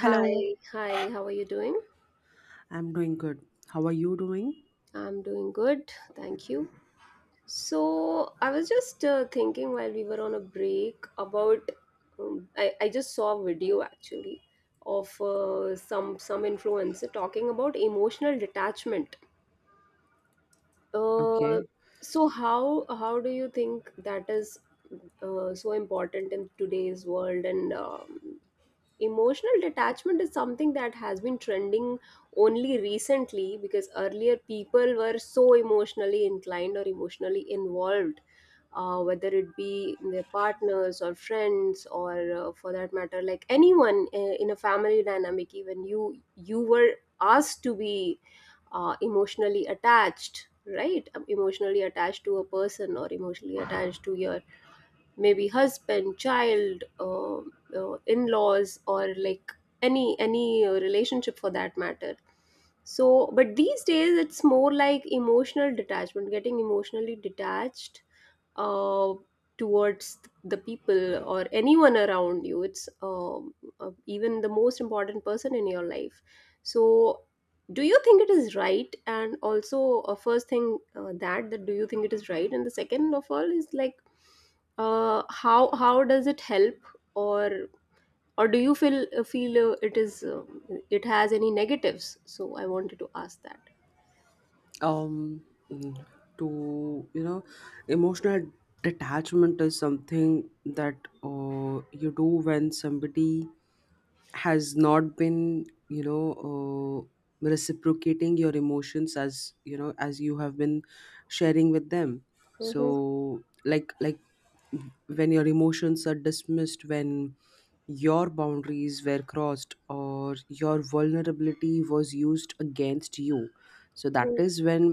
Hello. hi, how are you doing? I'm doing good. How are you doing? I'm doing good, thank you. So, I was just thinking while we were on a break about I just saw a video actually of some influencer talking about emotional detachment. Uh, Okay. so how do you think that is so important in today's world? And emotional detachment is something that has been trending only recently, because earlier people were so emotionally inclined or emotionally involved, whether it be in their partners or friends, or for that matter, like anyone in a family dynamic. Even you were asked to be emotionally attached, right? Emotionally attached to a person, or emotionally attached to your maybe husband, child, in-laws, or like any relationship for that matter. So, but these days it's more like emotional detachment, getting emotionally detached uh, towards the people or anyone around you. It's even the most important person in your life. So do you think it is right? And also, first thing, that do you think it is right? And the second of all is, like, how does it help? or or do you feel feel it is, it has any negatives? So I wanted to ask that. Um, mm, to you know, Emotional detachment is something that you do when somebody has not been reciprocating your emotions as you know as you have been sharing with them, Mhm. so like when your emotions are dismissed, when your boundaries were crossed, or your vulnerability was used against you, so that Mhm. is when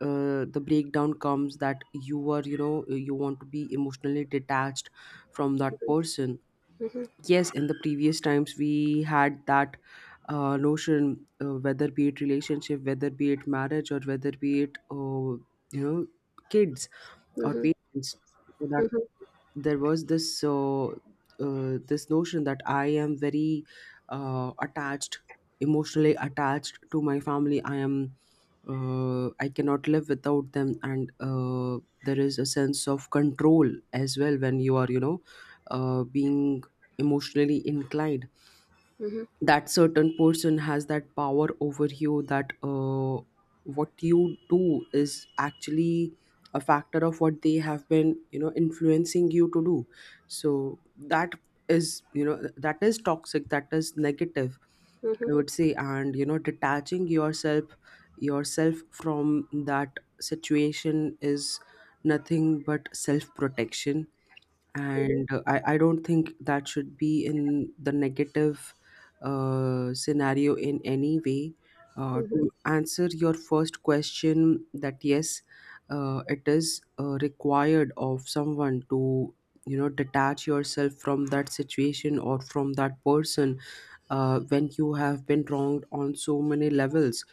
the breakdown comes, that you are you know you want to be emotionally detached from that person. Mhm. Mhm. Yes, in the previous times we had that notion, whether be it relationship, whether be it marriage, or whether be it you know kids or Mhm. parents, for that Mhm. there was this this notion that I am very attached, emotionally attached to my family. I cannot live without them, and there is a sense of control as well when you are you know being emotionally inclined, Mhm. that certain person has that power over you, that what you do is actually a factor of what they have been you know influencing you to do. So that is you know that is toxic, that is negative, Mhm. I Mhm. would say. And you know detaching yourself from that situation is nothing but self protection, Mhm. and I don't think that should be in the negative scenario in any way. Mhm. To answer your first question, that yes, it is required of someone to you know detach yourself from that situation or from that person when you have been wronged on so many levels,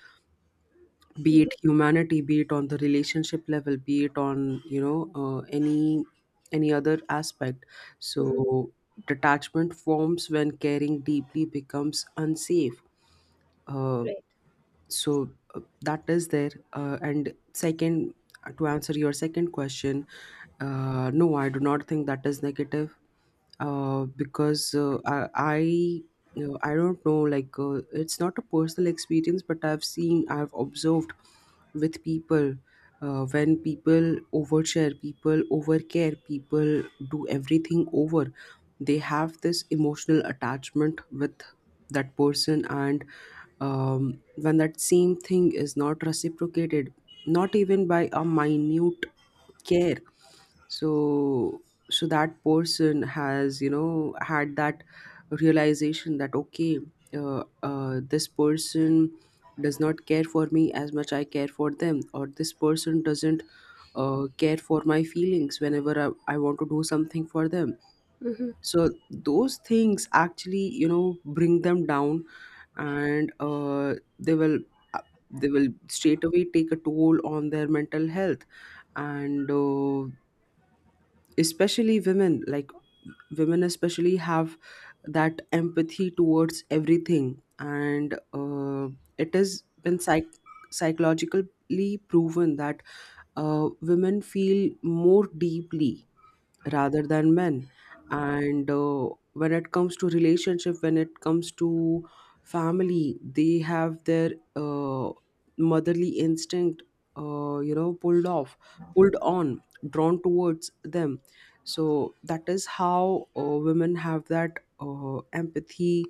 be Mhm. it humanity, be it on the relationship level, be it on you know any other aspect. Mhm. So detachment forms when caring deeply becomes unsafe. uh, Right. so that is there, and second, to answer your second question, no, I do not think that is negative, because I you know, I don't know, like it's not a personal experience, but I've observed with people when people overshare, people overcare, people do everything over, they have this emotional attachment with that person. And when that same thing is not reciprocated, not even by a minute care, so so that person has you know had that realization that okay, this person does not care for me as much I care for them, or this person doesn't care for my feelings whenever I want to do something for them. Hmm. So those things actually you know bring them down, and uh, they will straight away take a toll on their mental health. And especially women, like women especially have that empathy towards everything, and it has been psychologically proven that women feel more deeply rather than men. And when it comes to relationship, when it comes to family, they have their motherly instinct you know pulled off, pulled on, drawn towards them. So that is how women have that empathy,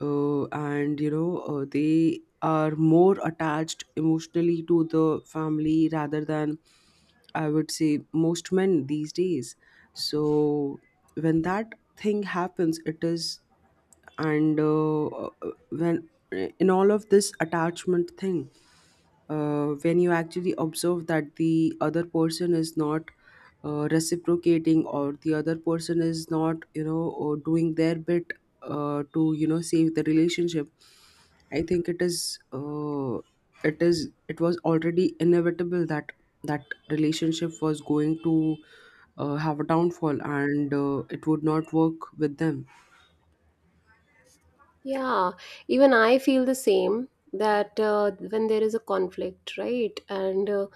and you know they are more attached emotionally to the family rather than, I would say, most men these days. So when that thing happens, it is, and when, in all of this attachment thing, when you actually observe that the other person is not reciprocating, or the other person is not you know or doing their bit to you know save the relationship, I think it is it was already inevitable that that relationship was going to have a downfall, and it would not work with them. Yeah, even I feel the same, that when there is a conflict, right, and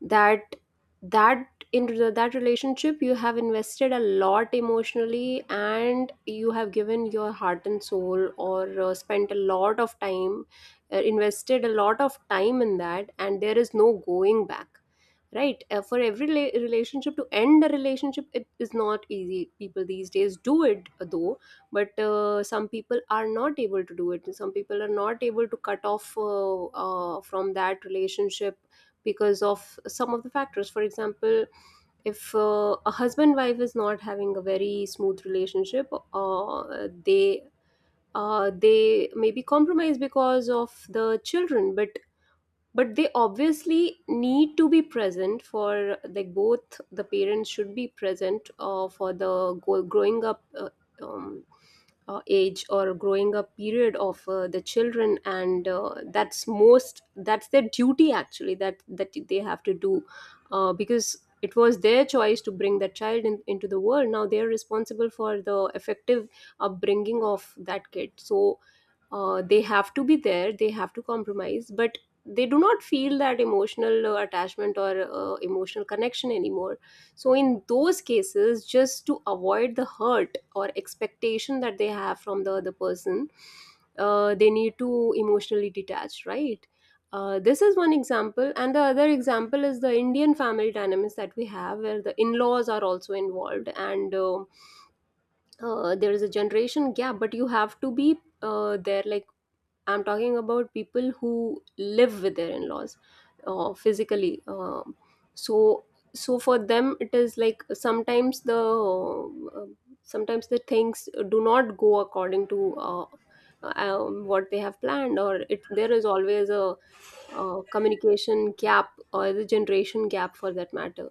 that that that relationship you have invested a lot emotionally, and you have given your heart and soul, or spent a lot of time, invested a lot of time in that, and there is no going back, right? For every relationship, to end a relationship it is not easy. People these days do it though. But some people are not able to do it. Some people are not able to cut off from that relationship, because of some of the factors. For example, if a husband wife is not having a very smooth relationship, they they may be compromised because of the children. But they obviously need to be present, for like both the parents should be present for the growing up um, age, or growing up period of the children. And that's most, that's their duty actually, that they have to do, because it was their choice to bring that child in, into the world. Now they are responsible for the effective upbringing of that kid. So they have to be there, they have to compromise. But they do not feel that emotional attachment or emotional connection anymore. So in those cases, just to avoid the hurt or expectation that they have from the other person, they need to emotionally detach, right? This is one example, and the other example is the Indian family dynamics that we have, where the in-laws are also involved. And there is a generation gap, but you have to be there, like, I'm talking about people who live with their in-laws physically. So so for them it is like, uh, sometimes the things do not go according to uh, what they have planned. Or it, there is always a communication gap, or the generation gap for that matter.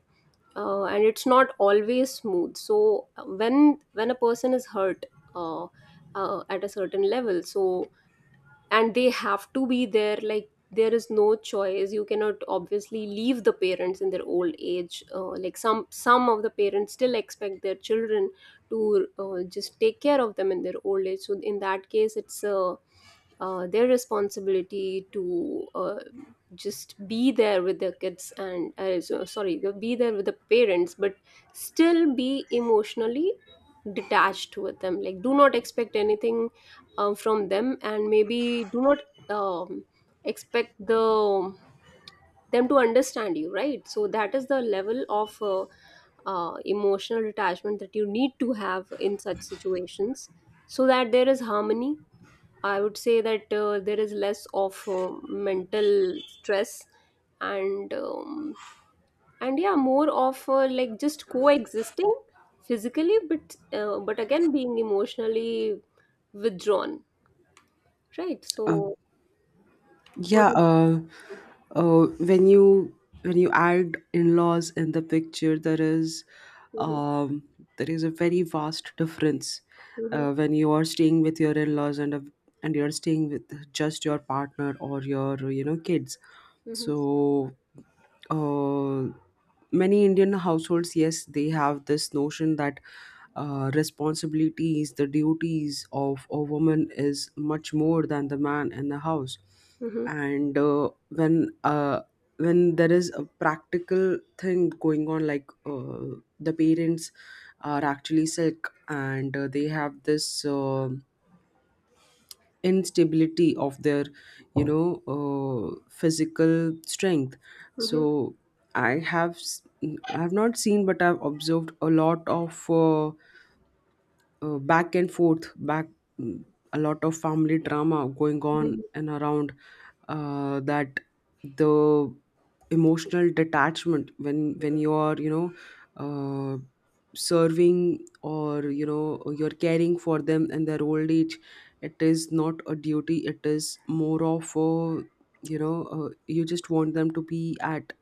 And it's not always smooth. So when a person is hurt uh, at a certain level. So, and they have to be there, like, there is no choice. You cannot obviously leave the parents in their old age. Like, some of the parents still expect their children to just take care of them in their old age. So in that case, it's their responsibility to just be there with their kids, and sorry, be there with the parents. But still be emotionally detached with them, like, do not expect anything from them, and maybe do not um, expect the them to understand you, right? So that is the level of emotional detachment that you need to have in such situations, so that there is harmony. I would say that there is less of mental stress, and um, and yeah, more of like, just coexisting physically, but again being emotionally withdrawn, right? Uh, So Yeah, what do uh, when you, when you add in-laws in the picture, you? um, there is a very vast difference Mm-hmm. Hmm. When you are staying with your in-laws, and and you are staying with just your partner or your you know kids. So uh, many Indian households, yes, they have this notion that responsibilities, the duties of a woman is much more than the man in the house. Hmm. And when there is a practical thing going on, like the parents are actually sick, and they have this. Instability of their you know physical strength. Hmm. So i have s- I have not seen, but I've observed a lot of back and forth, mm, a lot of family drama going on Hmm. and around, that the emotional detachment, when you are you know uh, serving or you know you're caring for them in their old age, it is not a duty, it is more of a you know you just want them to be at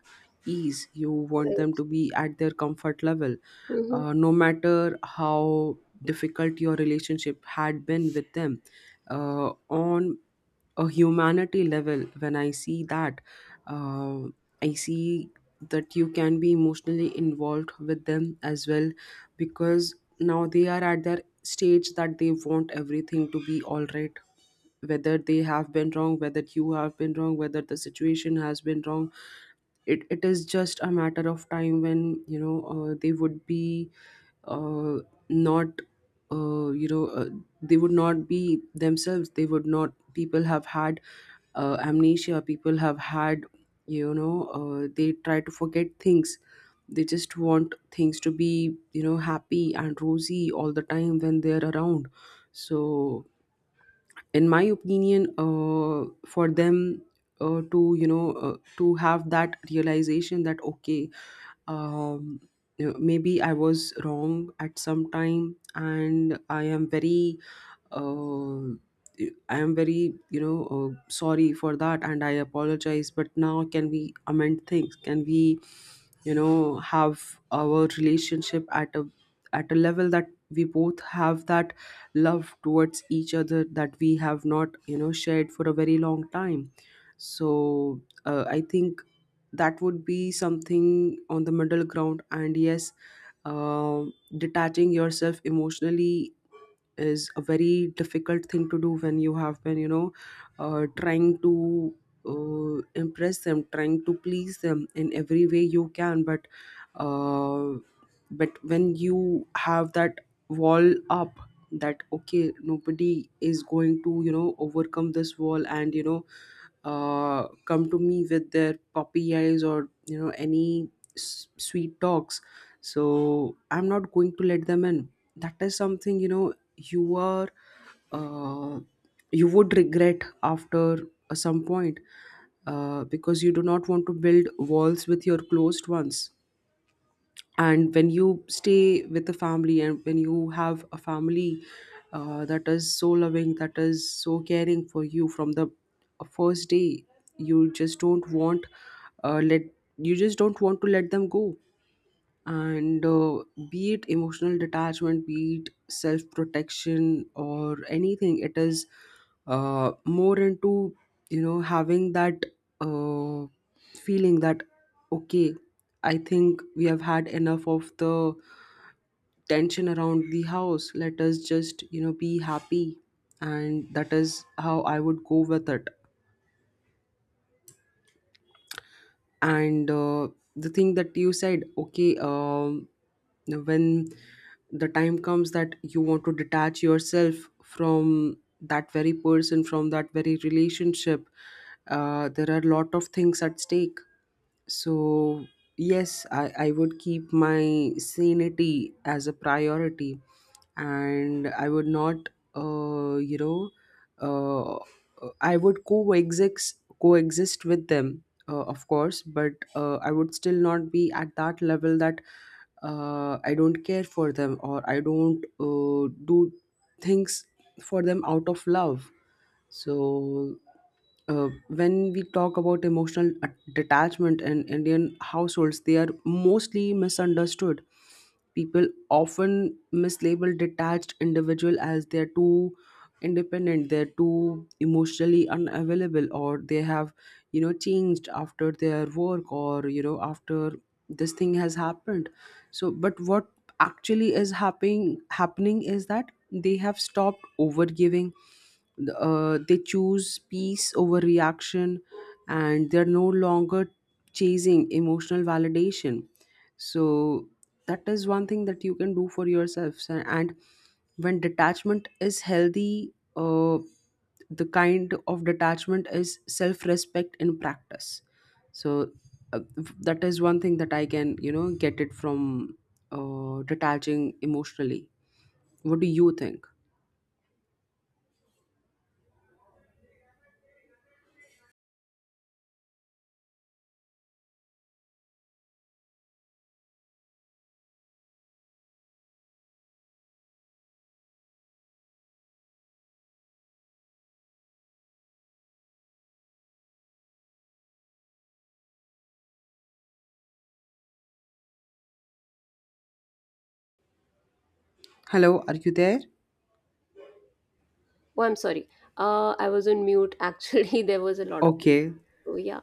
ease, you want them Right. to be at their comfort level, Hmm. No matter how difficult your relationship had been with them, on a humanity level, when I see that, uh, I see that you can be emotionally involved with them as well, because now they are at their stage that they want everything to be all right, whether they have been wrong, whether you have been wrong, whether the situation has been wrong. It is just a matter of time when you know they would be uh, not you know they would not be themselves, they would not, people have had amnesia, people have had you know they try to forget things, they just want things to be you know happy and rosy all the time when they're around. So in my opinion, for them to you know to have that realization that okay, um, you know, maybe I was wrong at some time, and I am very uh, I am very you know sorry for that, and I apologize, but now can we amend things, can we you know have our relationship at a level that we both have that love towards each other that we have not you know shared for a very long time. So I think that would be something on the middle ground. And yes, detaching yourself emotionally is a very difficult thing to do when you have been you know trying to impress them, trying to please them in every way you can, uh, but when you have that wall up, that okay, nobody is going to you know overcome this wall and you know come to me with their puppy eyes or you know any sweet talks, so I'm not going to let them in, that is something you know you are uh, you would regret after some point, because you do not want to build walls with your closed ones. And when you stay with a family and when you have a family that is so loving, that is so caring for you from the first day, you just don't want uh, let you just don't want to let them go. And be it emotional detachment, be it self protection, or anything, it is more into you know having that uh, feeling that okay, I think we have had enough of the tension around the house, let us just you know be happy. And that is how I would go with it. And the thing that you said, okay, when the time comes that you want to detach yourself from that very person, from that very relationship, there are a lot of things at stake. So, yes, I would keep my sanity as a priority, and I would not, uh, you know, uh, I would coexist with them, of course, but I would still not be at that level that I don't care for them, or I don't do things for them out of love. So, when we talk about emotional detachment in Indian households, they are mostly misunderstood. People often mislabel detached individual as they're too independent, they're too emotionally unavailable, or they have, you know, changed after their work, or you know, after this thing has happened. So, but what actually is happening is that they have stopped overgiving, they choose peace over reaction, and they're no longer chasing emotional validation. So that is one thing that you can do for yourselves. And when detachment is healthy, the kind of detachment is self-respect in practice. So uh, that is one thing that I can you know get it from detaching emotionally. What do you think? Hello, are you there? Oh, I'm sorry. I was on mute. Actually, there was a lot of. Okay. Oh, yeah.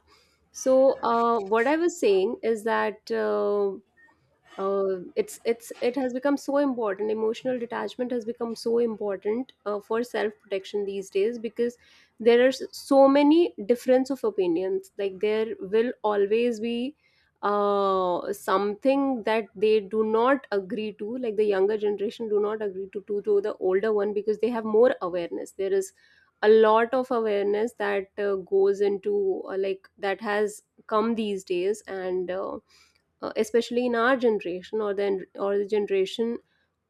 So, what I was saying is that. It has become so important. Emotional detachment has become so important for self protection these days, because there are so many difference of opinions. Like, there will always be something that they do not agree to. Like, the younger generation do not agree to the older one, because they have more awareness. There is a lot of awareness that goes into, like, that has come these days. And especially in our generation, or the generation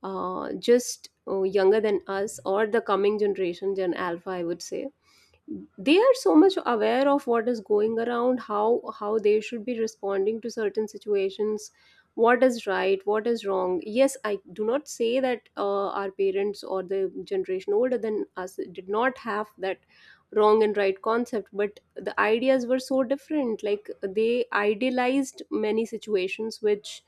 just younger than us, or the coming generation, gen alpha, I would say. They are so much aware of what is going around, how they should be responding to certain situations, what is right, what is wrong. Yes, I do not say that our parents, or the generation older than us, did not have that wrong and right concept. But the ideas were so different, like they idealized many situations which,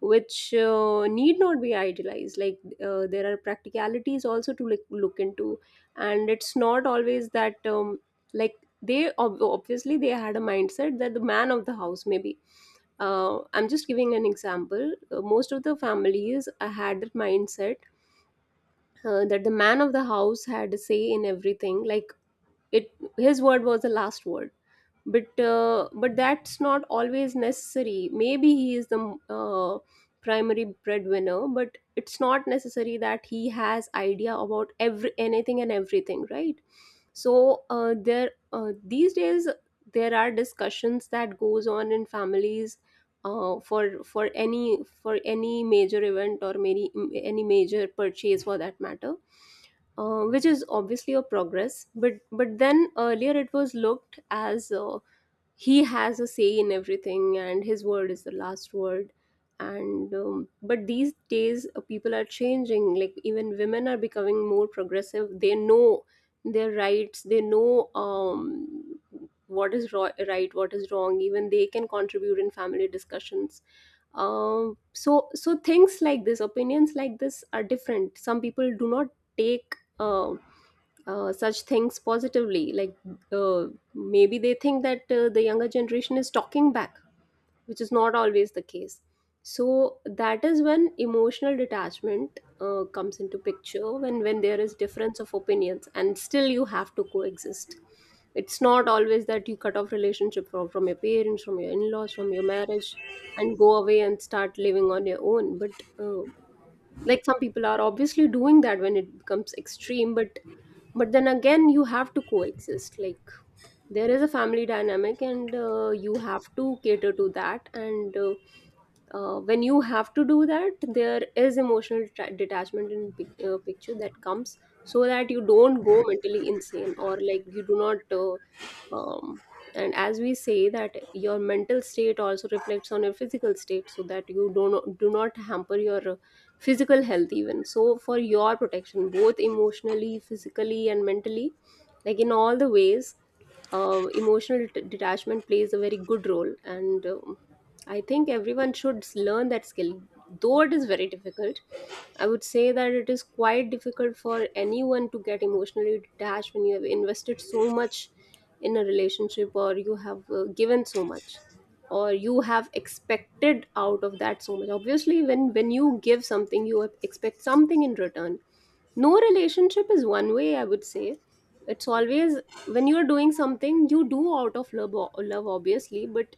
need not be idealized. Like, there are practicalities also to look into. And it's not always that, like, they obviously they had a mindset that the man of the house, maybe, I'm just giving an example, most of the families had that mindset, that the man of the house had a say in everything. Like, it his word was the last word. But that's not always necessary. Maybe he is the primary breadwinner, but it's not necessary that he has idea about every anything and everything, right? So there these days there are discussions that goes on in families, for for any major event, or many any major purchase for that matter, which is obviously a progress. But then earlier it was looked as, he has a say in everything and his word is the last word. And but these days people are changing, like even women are becoming more progressive. They know their rights, they know what is right, what is wrong. Even they can contribute in family discussions. So so things like this, opinions like this, are different. Some people do not take such things positively. Like, uh, maybe they think that the younger generation is talking back, which is not always the case. So that is when emotional detachment comes into picture, when there is difference of opinions and still you have to coexist. It's not always that you cut off relationship from your parents, from your in-laws, from your marriage, and go away and start living on your own. But like, some people are obviously doing that when it becomes extreme. But then again, you have to coexist. Like, there is a family dynamic, and you have to cater to that. And when you have to do that, there is emotional detachment in picture that comes, so that you don't go mentally insane, or like, you do not, um, and as we say that your mental state also reflects on your physical state, so that you don't, do not hamper your physical health even. So for your protection, both emotionally, physically, and mentally, like in all the ways, emotional detachment plays a very good role. And I think everyone should learn that skill, though it is very difficult. I would say that it is quite difficult for anyone to get emotionally detached when you have invested so much in a relationship, or you have given so much, or you have expected out of that so much. Obviously, when you give something you expect something in return. No relationship is one way, I would say. It's always, when you're doing something you do out of love, love obviously, but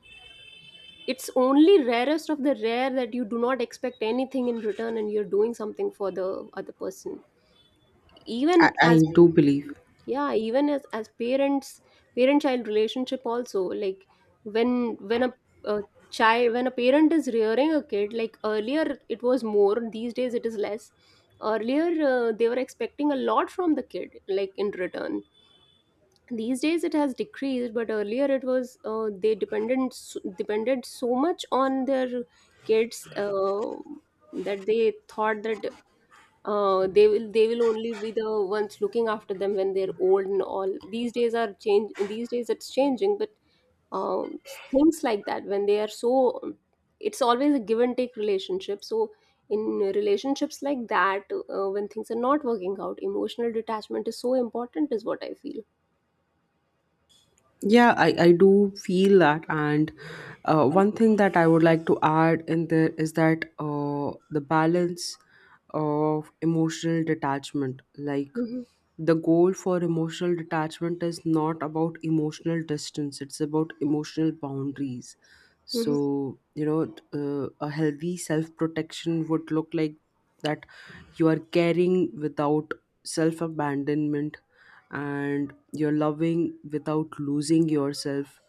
it's only rarest of the rare that you do not expect anything in return and you're doing something for the other person. I, Even I as, do believe. yeah, even as parents, parent child relationship also, like when when a child, when a parent is rearing a kid, like earlier it was more, these days it is less. Earlier, they were expecting a lot from the kid, like in return. These days it has decreased, but earlier it was, they dependent depended so much on their kids, that they thought that they will only be the ones looking after them when they're old, and all these days are change, these days it's changing. But um, things like that, when they are so, it's always a give and take relationship. So in relationships like that, when things are not working out, emotional detachment is so important, is what I feel. Yeah, I do feel that. And one thing that I would like to add in there is that the balance of emotional detachment. Like Hmm. the goal for emotional detachment is not about emotional distance, it's about emotional boundaries. A healthy self protection would look like that you are caring without self abandonment, and you're loving without losing yourself,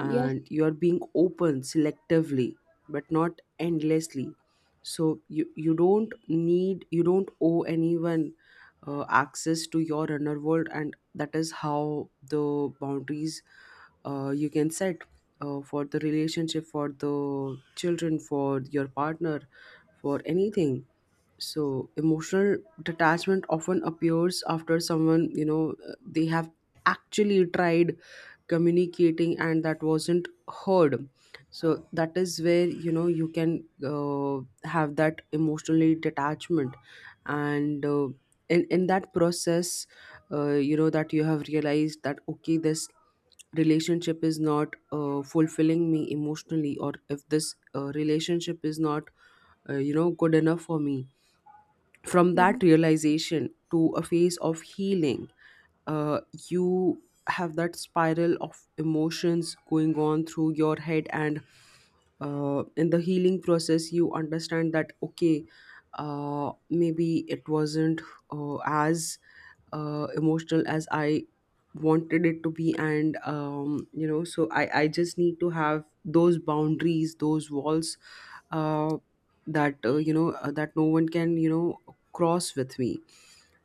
Yeah. you're being open selectively but not endlessly. So you don't need, you don't owe anyone access to your inner world, and that is how the boundaries you can set for the relationship, for the children, for your partner, for anything. So emotional detachment often appears after someone they have actually tried communicating and that wasn't heard. So that is where you can have that emotionally detachment. And uh, in, in that process, that you have realized that okay, this relationship is not fulfilling me emotionally, or if this relationship is not good enough for me. From that Mhm. realization to a phase of healing, uh, you have that spiral of emotions going on through your head. And in the healing process you understand that okay, maybe it wasn't as emotional as I wanted it to be. And so I just need to have those boundaries, those walls, uh, that no one can cross with me.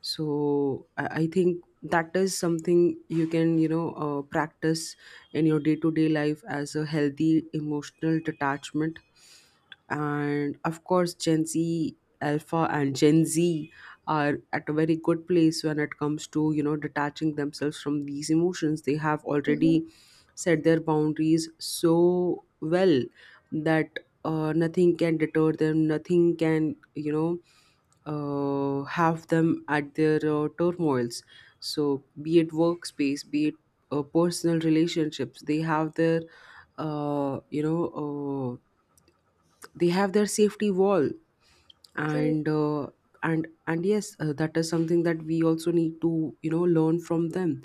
So I think that is something you can practice in your day-to-day life as a healthy emotional detachment. And of course, Gen Z, alpha and Gen Z, are at a very good place when it comes to, detaching themselves from these emotions. They have Mhm. already set their boundaries so well that nothing can deter them, nothing can, have them at their turmoils. So be it workspace, be it personal relationships, they have their uh, you know uh, they have their safety wall. Right. And uh, and and yes, that is something that we also need to, learn from them.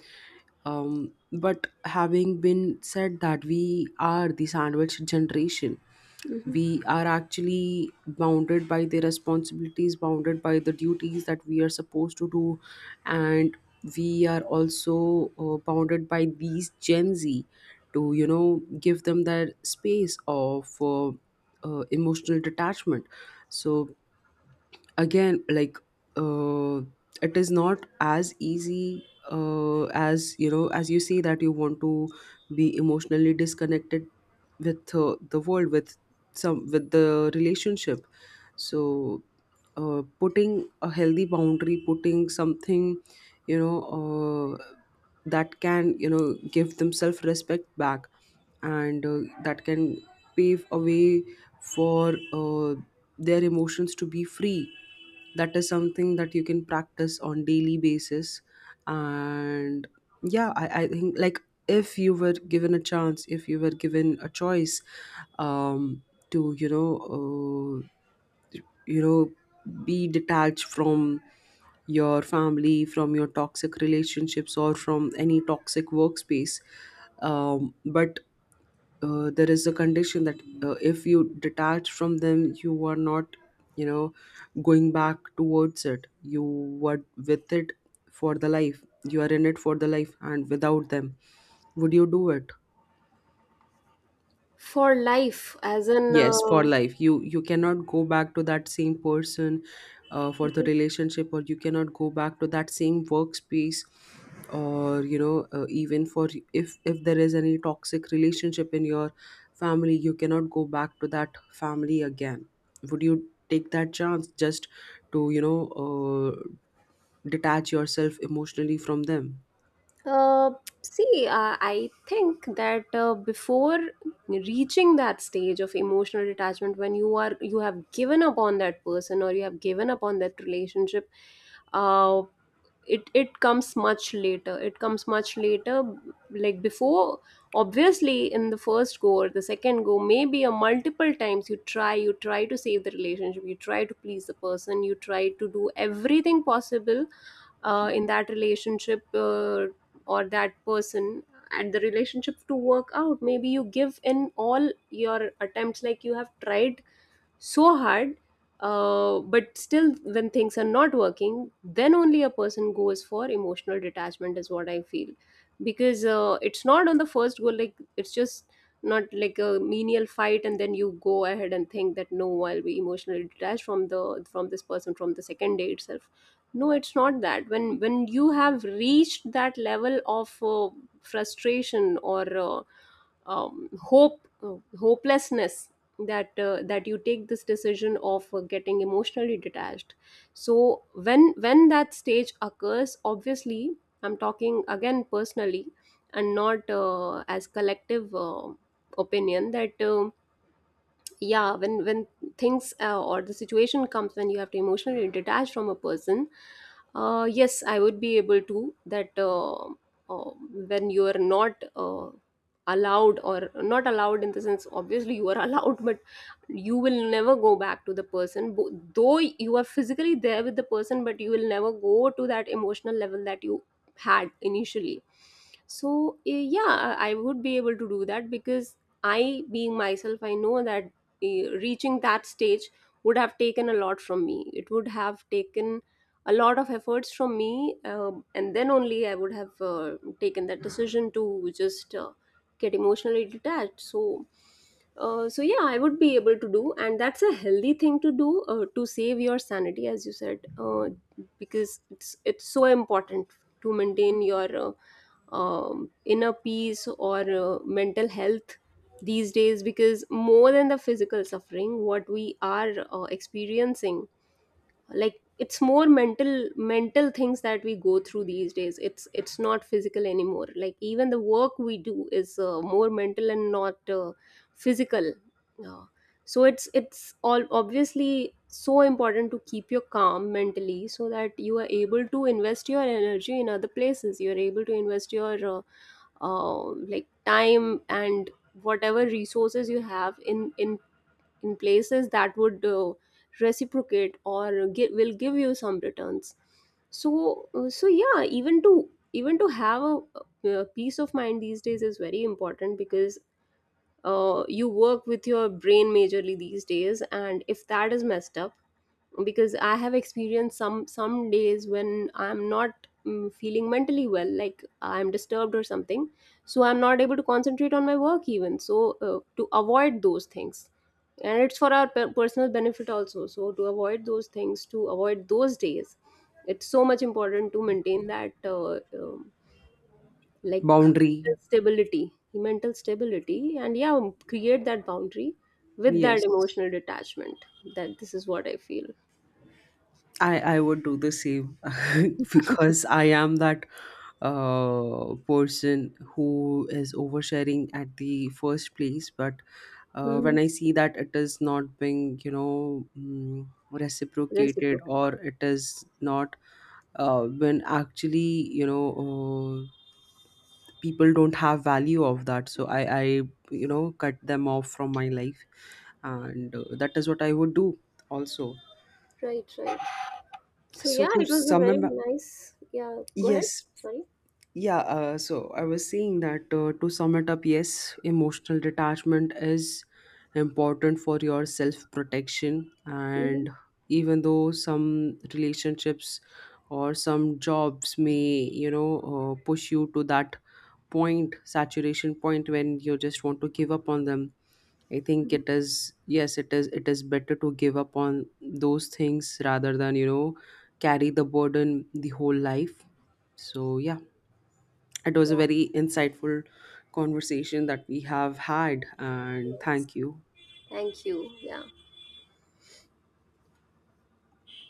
But having been said that, we are the sandwich generation. Mhm. We are actually bounded by the responsibilities, bounded by the duties that we are supposed to do, and we are also bounded by these Gen Z to, give them that space of emotional detachment. So again, like, uh, it is not as easy as you say, that you want to be emotionally disconnected with the world, with some, with the relationship. So putting a healthy boundary, putting something, you know, uh, that can, give them self respect back, and that can pave a way for their emotions to be free. That is something that you can practice on daily basis. And yeah, I think like, if you were given a chance, if you were given a choice, um, to be detached from your family, from your toxic relationships, or from any toxic workspace. But there is a condition that if you detach from them, you are not, you know going back towards it. You were with it for the life, you are in it for the life and without them. Would you do it? For life, as in, Yes, for life. You cannot go back to that same person for the mhm. relationship, or you cannot go back to that same workspace, or even for, if there is any toxic relationship in your family, you cannot go back to that family again. Would you take that chance, just to, detach yourself emotionally from them? uh, See, I think that, before reaching that stage of emotional detachment, when you are, you have given up on that person or you have given up on that relationship, uh, it it comes much later. Like before, obviously in the first go or the second go, maybe a multiple times, you try, you try to save the relationship, you try to please the person, you try to do everything possible in that relationship, or that person and the relationship to work out. Maybe you give in all your attempts, like you have tried so hard, but still when things are not working, then only a person goes for emotional detachment, is what I feel. Because it's not on the first go. Like it's just not like a menial fight and then you go ahead and think that no, I'll be emotionally detached from the from this person from the second day itself. No, it's not that. When you have reached that level of frustration or hope, hopelessness, that that you take this decision of getting emotionally detached. So when that stage occurs, obviously, I'm talking again personally and not as collective opinion. That yeah, when things or the situation comes when you have to emotionally detach from a person, yes I would be able to that. Uh, when you are not allowed, or not allowed in the sense, obviously you are allowed, but you will never go back to the person. Bo- though you are physically there with the person, but you will never go to that emotional level that you had initially. So yeah, I would be able to do that because I, being myself, I know that reaching that stage would have taken a lot from me, it would have taken a lot of efforts from me. And then only I would have taken that decision to just get emotionally detached. So so yeah, I would be able to do, and that's a healthy thing to do, to save your sanity as you said. Because it's so important to maintain your inner peace or mental health these days, because more than the physical suffering what we are experiencing, like it's more mental, mental things that we go through these days. It's not physical anymore, like even the work we do is more mental and not physical. uh, so it's all obviously so important to keep your calm mentally, so that you are able to invest your energy in other places, you are able to invest your uh, like time and whatever resources you have in in places that would reciprocate or will give you some returns. So so yeah, even to have a, peace of mind these days is very important, because you work with your brain majorly these days, and if that is messed up, because I have experienced some days when I'm not, feeling mentally well, like I'm disturbed or something, so I'm not able to concentrate on my work even. So to avoid those things, and it's for our personal benefit also, so to avoid those things, to avoid those days, it's so much important to maintain that um, like Boundary. mental stability. Mental stability, and yeah, create that boundary with that Yes, emotional detachment. That this is what I feel. I would do the same. Because I am that person who is oversharing at the first place. But when Mm-hmm. I see that it is not being, reciprocated, Reciprocal. or it is not when actually, people don't have value of that, so I cut them off from my life, and that is what I would do also. Right, right. So So yeah, to it was a sum very up, nice. Yeah, go ahead. yes, Sorry. yeah, so I was saying that, to sum it up, yes, emotional detachment is important for your self protection. Mhm. And even though some relationships or some jobs may, push you to that point, saturation point, when you just want to give up on them, I think it is, yes, it is better to give up on those things rather than, carry the burden the whole life. So, yeah. It was Yeah, a very insightful conversation that we have had, and yes. thank you. Thank you. Yeah.